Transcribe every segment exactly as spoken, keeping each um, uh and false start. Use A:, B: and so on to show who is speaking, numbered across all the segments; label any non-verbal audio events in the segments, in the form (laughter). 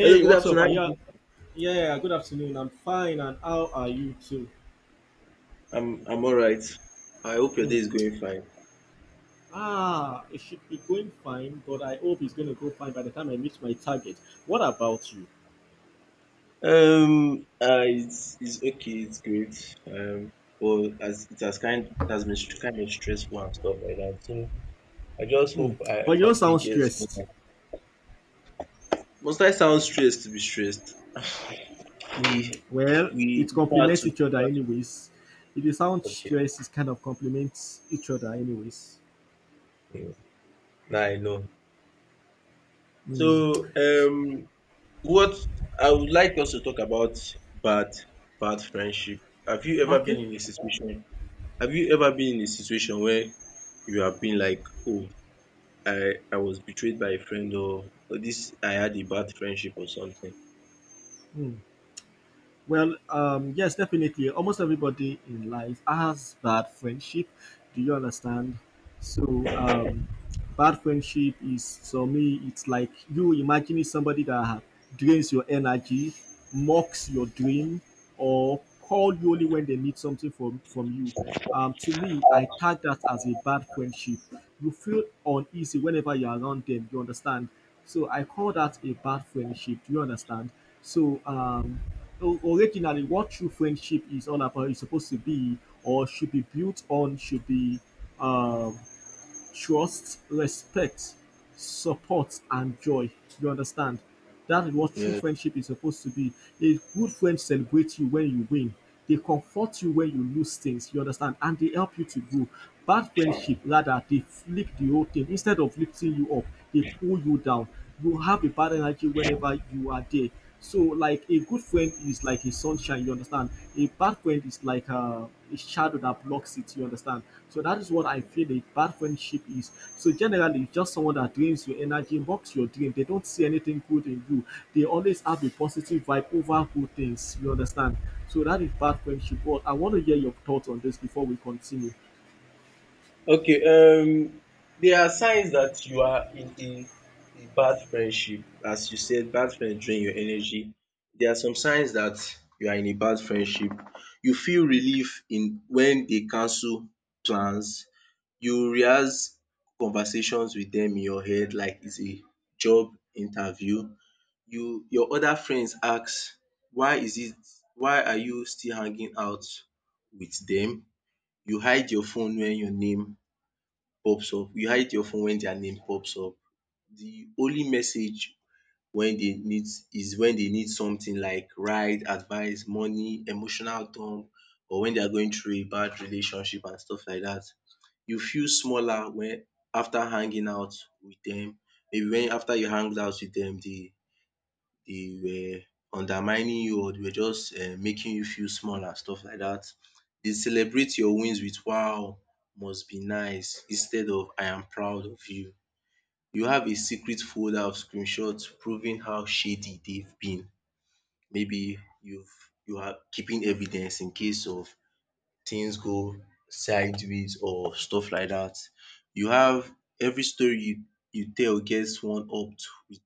A: Hello, good
B: what's up?
A: afternoon. How
B: Are
A: are you
B: you?
A: doing?
B: Yeah, good afternoon. I'm fine, and how are you too?
A: I'm I'm all right. I hope your day
B: Hmm.
A: is going fine.
B: Ah, it should be going fine, but I hope it's going to go fine by the time I meet my target. What about you?
A: Um, uh, it's it's okay. It's great. Um, well, as it has kind it has been str- kind of stressful and stuff like that. So I just hope
B: Hmm.
A: I,
B: But you
A: my
B: don't
A: day
B: sound
A: gets
B: stressed.
A: better. Must I sound stressed to be stressed? (sighs) we
B: Well,
A: we
B: it
A: have
B: complements
A: to,
B: each
A: we
B: other,
A: have
B: anyways. If you sound
A: to, okay.
B: stressed, it kind of complements each other, anyways.
A: Mm, Now I know. So
B: Hmm.
A: um, what I would like us to talk about, bad bad friendship. Have you ever been
B: Okay.
A: in a situation Have you ever been in a situation where you have been like, oh, I, I was betrayed by a friend, or, or this I had a bad friendship or something?
B: Hmm. Well, um, yes, definitely. Almost everybody in life has bad friendship. Do you understand? So, um, bad friendship is for me, it's like you imagining somebody that drains your energy, mocks your dream, or call you only when they need something from, from you. Um, to me, I tag that as a bad friendship. You feel uneasy whenever you're around them, you understand? So I call that a bad friendship. Do you understand? So um, o- originally, what true friendship is all about is supposed to be, or should be built on, should be um trust, respect, support, and joy. You understand? That is what true
A: Yeah.
B: friendship is supposed to be. A good friend celebrates you when you win. They comfort you when you lose things. You understand? And they help you to grow. Bad friendship, rather, they flick the whole thing. Instead of lifting you up, they pull you down. You have a bad energy whenever you are there. So, like, a good friend is like a sunshine. You understand? A bad friend is like a a shadow that blocks it. You understand? So that is what I feel a bad friendship is. So generally, it's just someone that drains your energy, mocks your dream. They don't see anything good in you. They always have a positive vibe over good things. You understand? So that is bad friendship. But I want to hear your thoughts on this before we continue.
A: Okay, um there are signs that you are in a, a bad friendship. As you said, bad friends drain your energy. There are some signs that you are in a bad friendship. You feel relief in when they cancel plans. You rehearse conversations with them in your head like it's a job interview. you your other friends ask, why is it why are you still hanging out with them? You hide your phone when your name pops up. You hide your phone when their name pops up. The only message when they need is when they need something, like ride, advice, money, emotional dump, or when they are going through a bad relationship and stuff like that. You feel smaller when after hanging out with them. Maybe when after you hang out with them, they they were undermining you, or they were just um making you feel small and stuff like that. They celebrate your wins with "Wow! Must be nice," instead of "I am proud of you." You have a secret folder of screenshots proving how shady they've been. Maybe you've you are keeping evidence in case of things go sideways or stuff like that. You have every story you you tell gets one up to with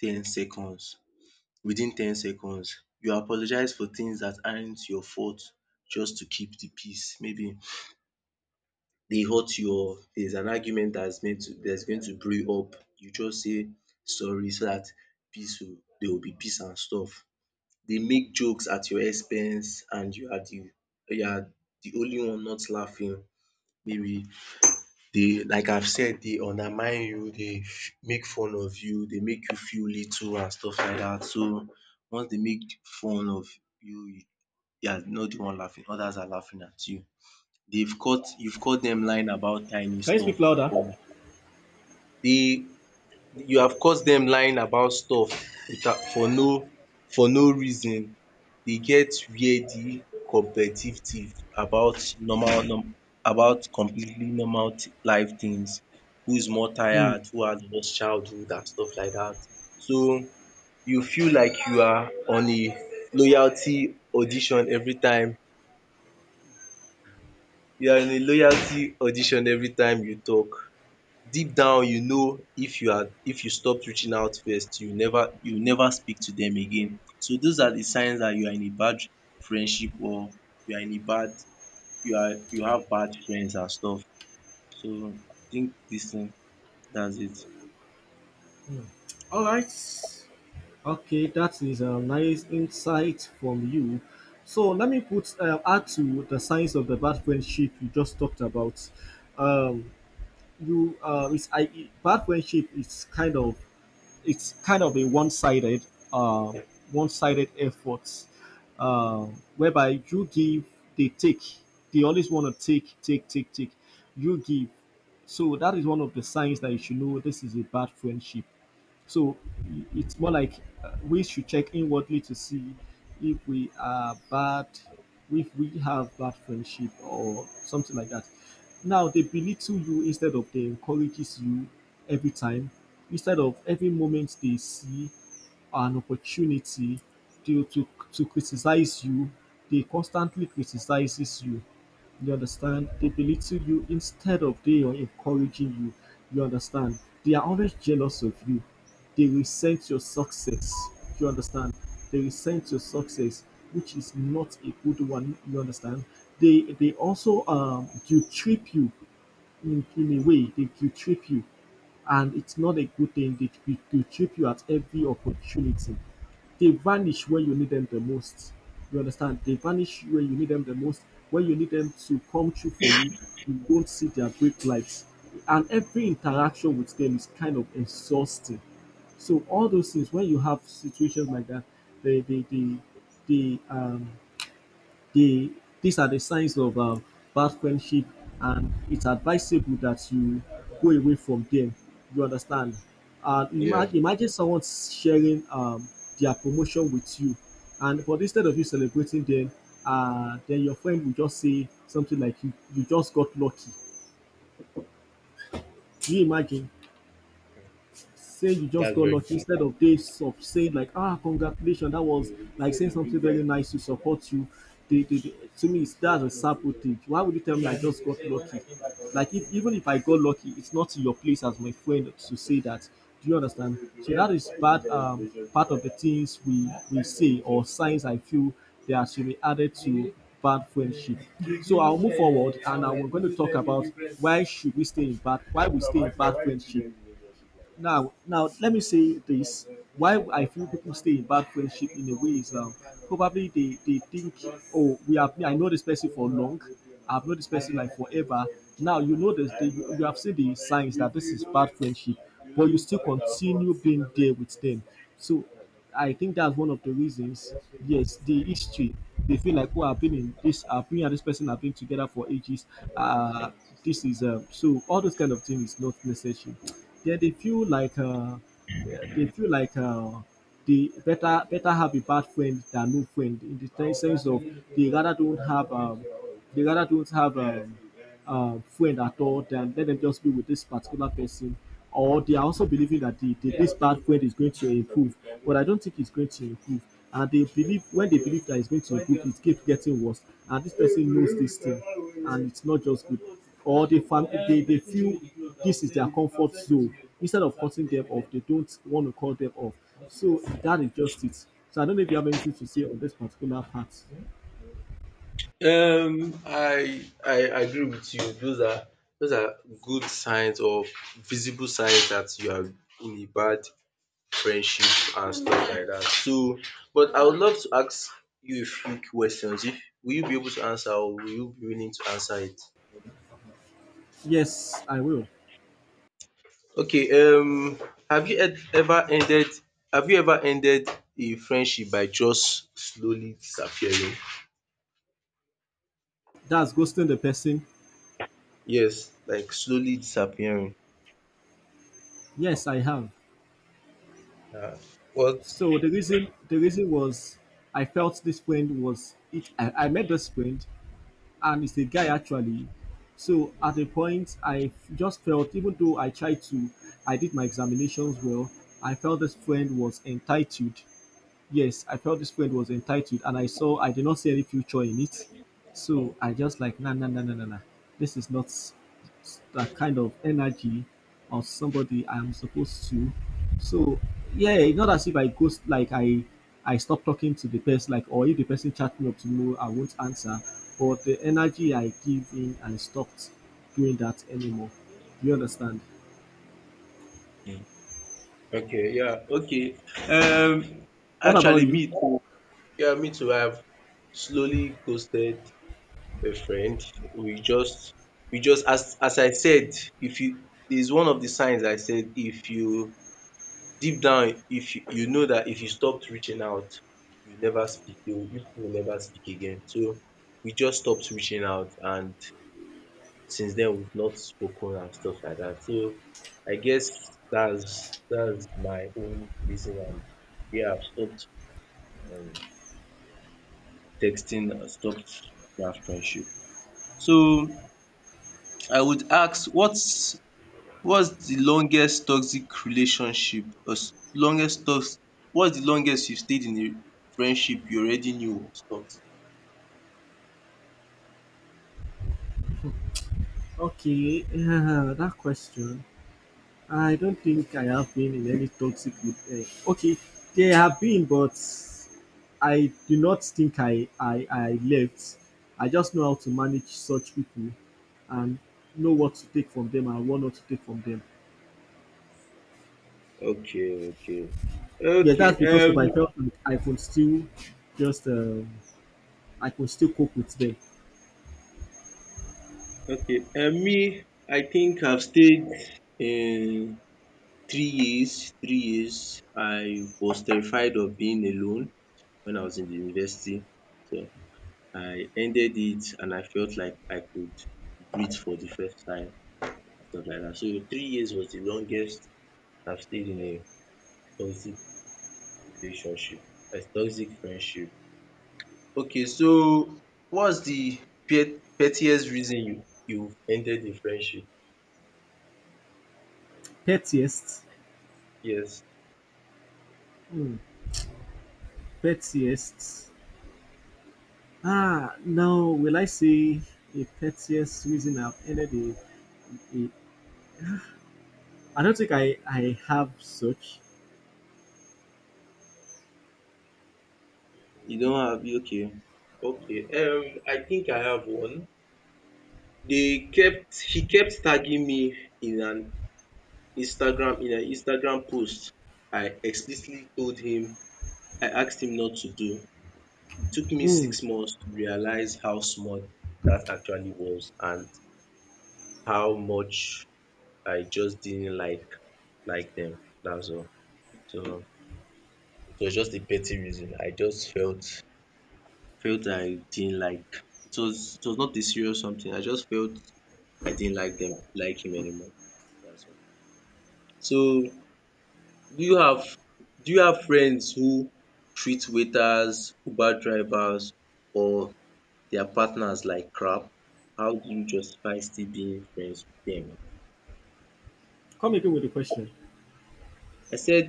A: ten seconds within ten seconds. You apologize for things dat aren't your fault just to keep de peace. Maybe dey hurt you, or there's an argument dat's meant to that's going to brew up, you just say sorry so dat peace will there will be peace and stuff. Dey make jokes at your expense and you are de you are de only one not laughing. Maybe they, like I've said, they undermine you, dey make fun of you, they make you feel little and stuff like that. So once they make fun of you, you you are not de one laughing, others are laughing at you. They've caught you've caught them lying about tiny
B: Can you
A: stuff,
B: speak louder?
A: but dey you have caught them lying about stuff without, for no for no reason. They get wia di competitive tiff about normal num about completely normal thi- life things: who is more
B: Hmm.
A: tired, who has lost childhood, and stuff like that. So you feel like you are on a loyalty audition every time you are in a loyalty audition every time you talk. Deep down you know, if you are if you stopped reaching out first, you never you never speak to them again. So those are the signs that you are in a bad friendship, or you are in a bad you are, you have bad friends and stuff. So I think this thing, that's it.
B: All right. Okay, that is a nice insight from you. So let me put uh, add to the signs of the bad friendship you just talked about. Um, you uh, it's I Bad friendship is kind of, it's kind of a one-sided uh, one-sided effort, uh, whereby you give, they take. They always want to take take take take, you give. So that is one of the signs that you should know this is a bad friendship. So i- it's more like, uh, we should check inwardly to see if we are bad, if we have bad friendship or something like that. Now they belittle you instead of they encourages you every time. Instead of every moment they see an opportunity to, to, to criticize you, they constantly criticizes you. You understand? They belittle you instead of they are encouraging you. You understand? They are always jealous of you. They resent your success. You understand? They resent your success, which is not a good one. You understand? They they also um guilt trip you in, in a way. They guilt trip you, and it's not a good thing. They guilt guilt trip you at every opportunity. They vanish when you need them the most. You understand? They vanish when you need them the most. When you need them to come true for you, you don't see their brake lights. And every interaction with them is kind of exhausting. So all those things, when you have situations like that, they they they, they um they these are the signs of um, bad friendship, and it's advisable that you go away from them, you understand? And
A: Yeah,
B: imagine imagine someone sharing um, their promotion with you, and but instead of you celebrating them, uh, then your friend will just say something like you, you just got lucky. Do you imagine? Say you just
A: that's
B: got
A: very
B: lucky instead
A: bad.
B: of days of saying like, ah, congratulations, that was like, saying something very nice to support you. They, they, they- to me, it's that's a sample. Why would you tell me I just got lucky? Like, if, even if I got lucky, it's not in your place as my friend to say that. Do you understand? So that is part um part of the things we we say, or signs I feel that should be added to bad friendship. So I'll move forward, and I'm going to talk about why should we stay in bad why we stay in bad friendship. Now, now let me say this: Why I feel people stay in bad friendship in a way is, um, probably they they think, oh, we have I know this person for long, I've known this person like forever. Now you know this, the, you you have seen the signs that this is bad friendship, but you still continue being there with them. So I think that's one of the reasons. Yes, the history. They feel like what happened in this happened, and this person have been together for ages. Uh this is um So all those kind of things is not necessary. Yeah, they feel like uh they feel like uh they better better have a bad friend than no friend, in the sense of they rather don't have um they rather don't have um uh, friend at all, then let them just be with this particular person. Or they are also believing that the, the, this bad friend is going to improve, but I don't think it's going to improve. And they believe when they believe that it's going to improve, it keeps getting worse, and this person knows this thing, and it's not just good. Or they fam- they, they feel this is their comfort zone. Instead of cutting them off, they don't want to cut them off. So that is just it. So I don't know if you have anything to say on this particular part.
A: Um, I I agree with you. Those are those are good signs, or visible signs that you are in a bad friendship and stuff like that. So, but I would love to ask you a few questions. If Will you be able to answer, or will you be willing to answer it?
B: Yes, I will.
A: Okay, um have you ed- ever ended have you ever ended a friendship by just slowly disappearing?
B: That's ghosting the person.
A: Yes, like slowly disappearing.
B: Yes, I have.
A: Um what
B: So the reason the reason was I felt this friend was it. I, I met this friend, and it's a guy actually. So at a point, I f- just felt, even though I tried to, I did my examinations well. I felt this friend was entitled. Yes, I felt this friend was entitled, and I saw I did not see any future in it. So I just like, nah nah nah nah nah nah. This is not s- that kind of energy of somebody I'm supposed to. So yeah, it's not as if I ghost. Like, I I stop talking to the person, like, or if the person chat me up tomorrow I won't answer. But the energy I give in, and stopped doing that anymore. Do you understand?
A: Okay, yeah, okay. um
B: What about
A: Actually,
B: you?
A: me too. yeah Me too, I have slowly ghosted a friend. We just we just, as as I said, if you is one of the signs I said, if you deep down, if you you know that if you stopped reaching out, you never speak you will- you will never speak again. So we just stopped reaching out, and since then we've not spoken and stuff like that. So I guess that's that's my own reason. And yeah, I've stopped, um, texting, I've stopped that friendship. So I would ask, what's What's the longest toxic relationship os longest tox what's the longest you stayed in a friendship you already knew was toxic?
B: Okay, (laughs) yeah, that question. I don't think I have been in any toxic re- uh, okay, there have been, but I do not think I, I I left. I just know how to manage such people, and know what to take from them and what not to take from them.
A: Okay, okay.
B: Yes,
A: Okay,
B: that's because
A: um
B: of I felt like I could still just um, I could still cope with them.
A: okay, um me, I think I've stayed in three years, three years. I was terrified of being alone when I was in the university. So I ended it and I felt like I could breathe for the first time and stuff like that. So three years was the longest I've stayed in a toxic relationship, a toxic friendship. Okay, so what's the pet- pettiest reason you you've ended the friendship?
B: Pettiest,
A: Yes.
B: hmm, pettiest. Ah, now, will I say a pettiest reason I've ended a, a, I don't think I, I have such.
A: You don't have? Okay, okay. Um, I think I have one. They kept he kept tagging me in an Instagram in an Instagram post. I explicitly told him, I asked him not to do. It took me
B: Hmm.
A: six months to realize how small that actually was, and how much I just didn't like like them. That's all. So it was just a petty reason. I just felt felt I didn't like. It was it was not a serious something. I just felt I didn't like them, like him, anymore. That's all. So do you have do you have friends who treat waiters, Uber drivers or their partners like crap? How do you justify still being friends with them?
B: Come again with the question.
A: I said,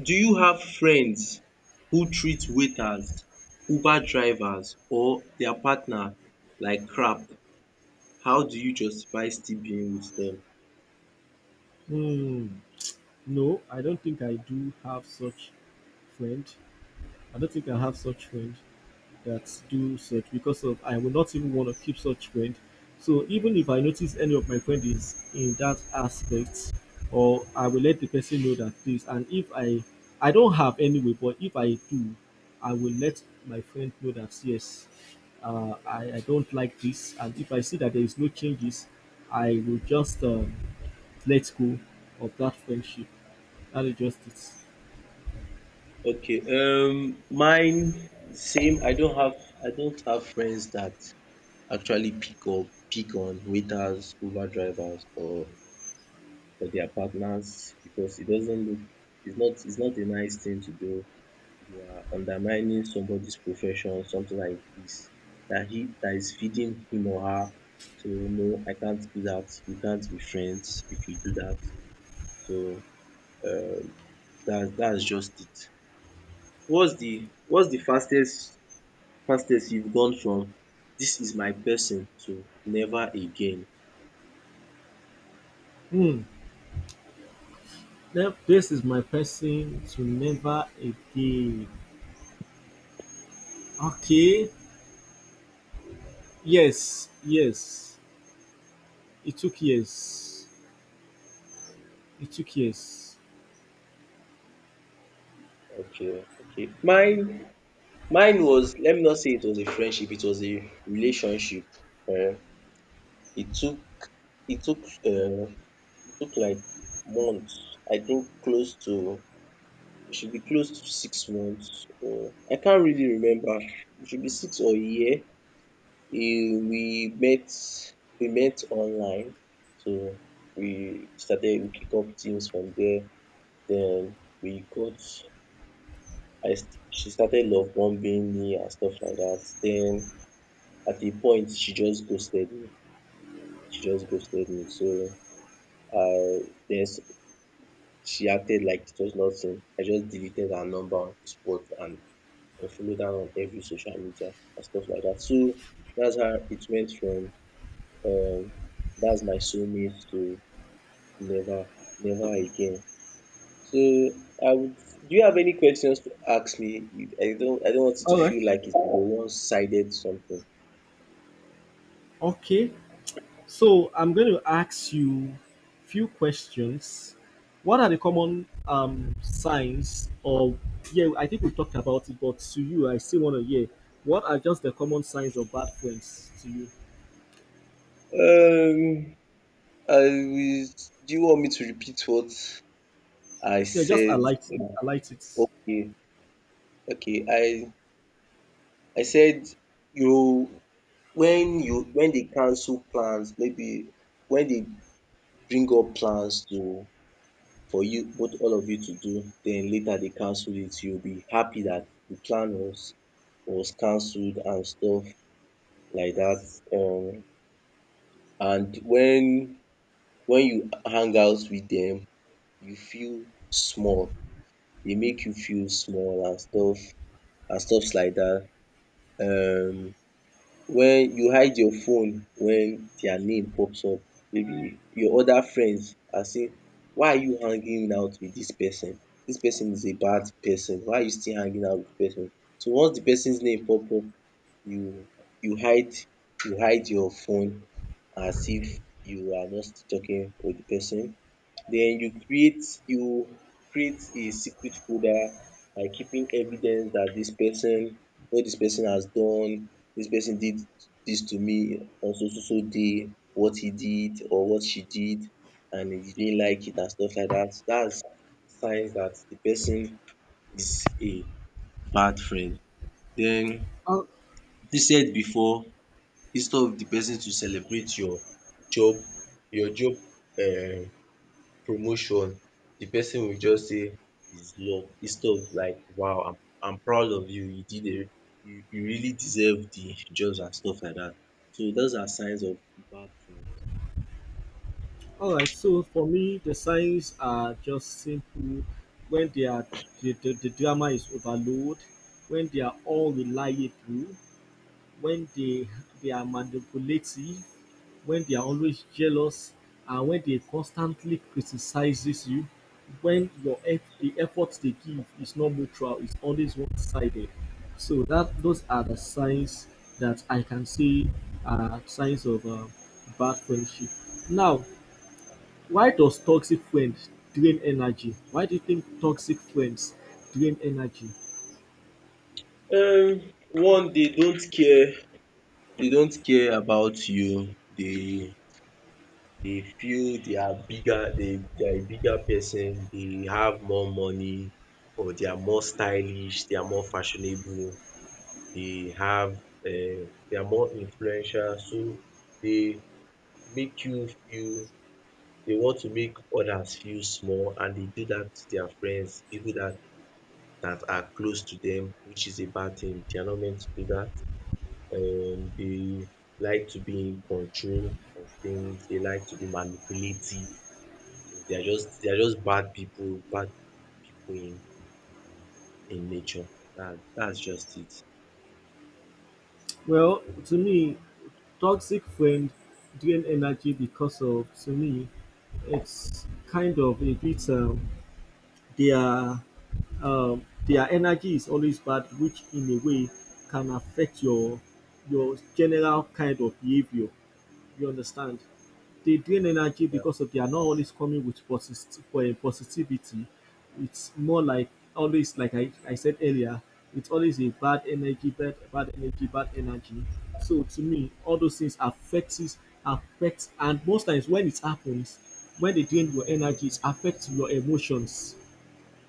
A: do you have friends who treat waiters, Uber drivers or their partner like crap? How do you justify still being with them?
B: Hmm. No, I don't think I do have such friend. I don't think I have such friend that do such, because of I will not even want to keep such friend. So even if I notice any of my friend is in that aspect, or I will let the person know that this. And if I I don't have anyway, but if I do, I will let my friend know that yes, uh, I I don't like this. And if I see that there is no changes, I will just um, let go of that friendship. That is just it.
A: Okay, um, mine same. I don't have I don't have friends that actually pick up pick on waiters, Uber drivers or or their partners, because it doesn't look, it's not it's not a nice thing to do. You are undermining somebody's profession, something like this, that he that is feeding him or her. So no, I can't do that. We can't be friends if you do that. So um that's that's just it. What's the what's the fastest fastest you've gone from, this is my person, to never again?
B: Hmm. Now, this is my person to never again. Okay. Yes. Yes. It took years. It took years.
A: Okay, okay. Mine mine was, let me not say it was a friendship, it was a relationship. Um, it took it took um it took like months. I think close to, it should be close to six months, or I can't really remember. It should be six or a year. Eh, We met we met online, so we started we kick up things from there. Then we got, I st- she started love bombing me and stuff like that. Then at a point she just ghosted me. She just ghosted me. So I then she acted like it was nothing. I just deleted her number on the spot and unfollowed her on every social media and stuff like that. So that's how it went from, um that's my soulmate, to never, never again. So I would, do you have any questions to ask me? I don't I don't want it to
B: All right.
A: feel like it's a one sided something.
B: Okay. So I'm going to ask you few questions. What are the common um, signs of, yeah, I think we talked about it, but to you, I still want to hear. What are just the common signs of bad friends to you?
A: Um, I will, do you want me to repeat what I
B: Yeah, just
A: said?
B: highlight, highlight it.
A: Okay, okay. I I said, you when you when they cancel plans, maybe when they bring up plans to for you both, all of you to do, then later they cancel it, you'll be happy that the plan was was cancelled and stuff like that. Um, and when when you hang out with them, you feel small. They make you feel small and stuff and stuffs like that. Um, when you hide your phone when their name pops up, maybe your other friends and say, why are you hanging out with dis person? Dis person is a bad person, why are you still hanging out with the person? So once the person's name pop up, you you hide you hide your phone as if you are not still talking with the person. Den you create you create a secret folder by keeping evidence dat dis person, what dis person has done, dis person did dis to me on so so so day, what he did or what she did and he didn't like it and stuff like dat. Dats signs dat de person is a bad friend. Den
B: Uh,
A: you said before, instead of de person to celebrate your job, your job, um promotion, the person will just say it's luck instead of like, wow, I'm I'm proud of you, you did a you you really deserve the jobs and stuff like that. So those are signs of bad friends.
B: All right, so for me, the signs are just simple: when they are the, the, the drama is overload, when they are all unreliable, when they they are manipulative, when they are always jealous, and when they constantly criticizes you, when your eff- the efforts they give is not mutual, it's always one-sided. So that those are the signs that I can see are signs of uh, bad friendship. Now, why does toxic friend drain energy? Why do you think toxic friends drain energy?
A: um One, they don't care, they don't care about you. They they feel they are bigger, they they are a bigger person, they have more money, or they are more stylish, they are more fashionable, they have um they are more influential. So they make you feel, they want to make others feel small, and they do that to their friends, people that that are close to them, which is a bad thing. They are not meant to do that. Um they like to be in control of things, they like to be manipulative. So they are just they are just bad people, bad people in in nature. That that's just it.
B: Well, to me, toxic friend drain energy because, of to me, it's kind of a bit, um, they um, their energy is always bad, which in a way can affect your your general kind of behavior. You understand? They drain energy
A: Yeah.
B: because of they are not always coming with positive for positivity. It's more like, always, like I, I said earlier, it's always a bad energy, bad bad energy, bad energy. So to me, all those things affects it- affects, and most times when it happens, when they drain your energy, it affects your emotions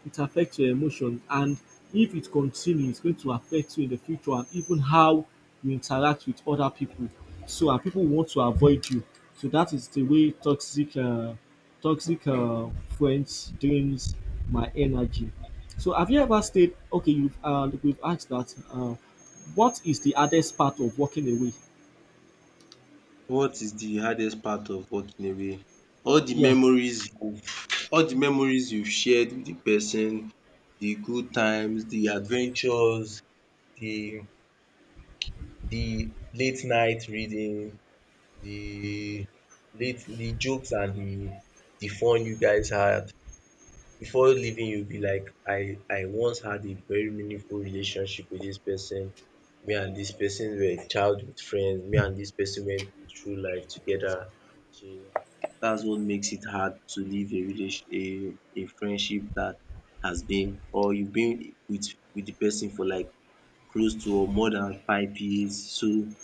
B: it affects your emotions, and if it continues it's going to affect you in the future, and even how you interact with other people. So, and people want to avoid you. So that is the way toxic uh, toxic, uh, friends drains my energy. So have you ever stayed, okay, you've, uh, we've asked that. Uh, what is the hardest part of walking away?
A: What is the hardest part of walking away? All the
B: Yeah.
A: memories, all the memories you shared with the person, the good times, the adventures, the the late night reading, the late the jokes and the the fun you guys had. Before leaving you will be like, I I once had a very meaningful relationship with this person. Me and this person were childhood friends. Me and this person went through life together. So that's what makes it hard to leave a relation a a friendship that has been, or you've been with with the person for like close to or more than five years. So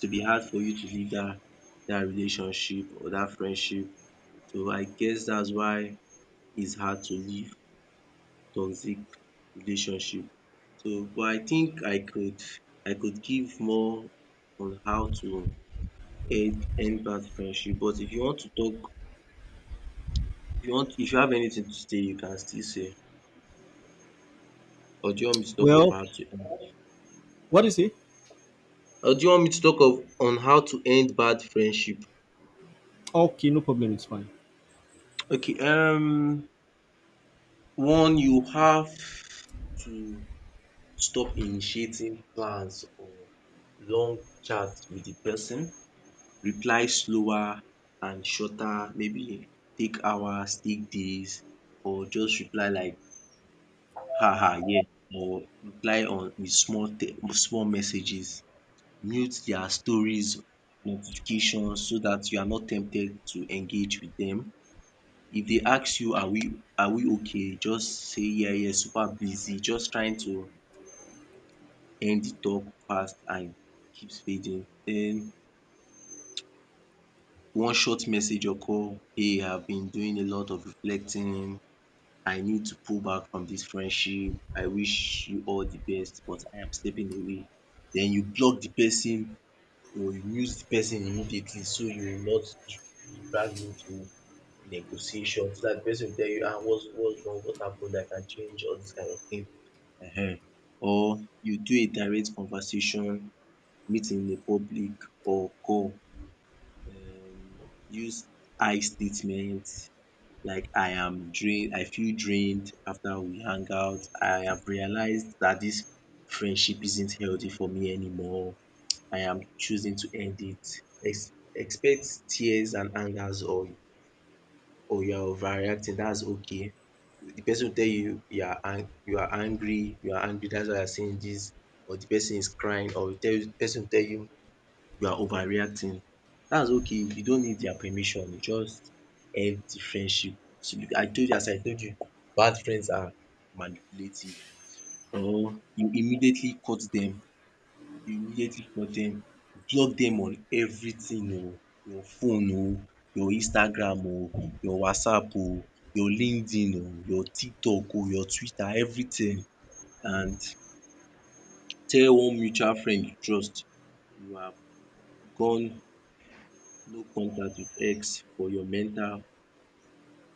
A: to be hard for you to leave that that relationship or that friendship. So I guess that's why it's hard to leave toxic relationship. So but I think I could I could give more on how to end end bad friendship. But if you want to talk, if you want, if you have anything to say, you can still say. Or do you want me to talk of
B: Well,
A: how to
B: what is it?
A: Or do you want me to talk of on how to end bad friendship?
B: Okay, no problem, it's fine.
A: Okay. Um one, you have to stop initiating plans or long chats with the person. Reply slower and shorter, maybe take hours, take days, or just reply like, “ha ha yeah,” or reply on in small te- small messages. Mute their stories, notifications, so that you are not tempted to engage with them. If they ask you, “are we are we okay?” just say, “yeah yeah super busy,” just trying to end the talk fast and keeps fading. Den one short message occur, “Hey, I've been doing a lot of reflecting. I need to pull back from this friendship. I wish you all the best, but I am stepping away.” Then you block the person or you mute the person immediately so you will not be dragged into negotiation, so that the person go tell you, “Ah, what's what's wrong? What happen? I can change.” All this kind of thing. um Or you do a direct conversation, meet in a public or call. um Use I statements like, I am drained, I feel drained after we hang out. I have realized that this friendship isn't healthy for me anymore. I am choosing to end it. Ex- expect tears and angers, or or you are overreacting. That's okay. The person will tell you, you are ang- you are angry, you are angry. That's why you are saying this. Or the person is crying, or will tell you, the person will tell you you are overreacting. That's okay. You don't need their permission. You just end the friendship. So, I told you as I told you, bad friends are manipulative. Or you immediately cut dem, you immediately cut dem, block dem on everything oh. Your phone oh, your Instagram oh, your WhatsApp oh, your LinkedIn oh, your TikTok oh, your Twitter, everything. And tell one mutual friend you trust, you have gone no contact with X for your mental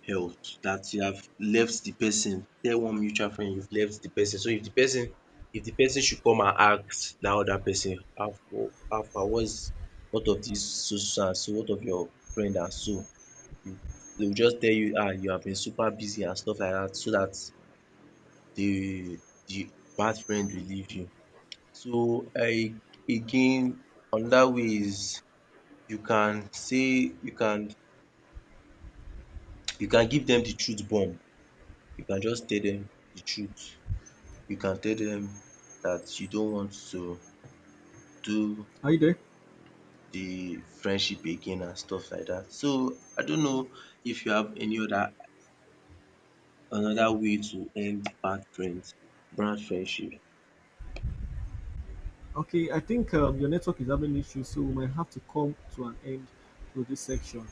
A: health, dat you have left de person. Tell one mutual friend you've left de person. So if de person if de person should come and ask dat other person, how far, how far, what is what of dis so so and so, what of your friend and so, you dey go just tell you, “ah you have been super busy,” and stuff like dat, so dat de de bad friend will leave you. So I again, another way is, you can say you can, you can give dem the truth bomb. You can just tell dem the truth. You can tell dem dat you don't want to do
B: Are you there?
A: the friendship again and stuff like dat. So, I don't know if you have any other another way to end bad friends bad friendship.
B: Okay, I think um, your network is having issues, so we might have to come to an end to this section.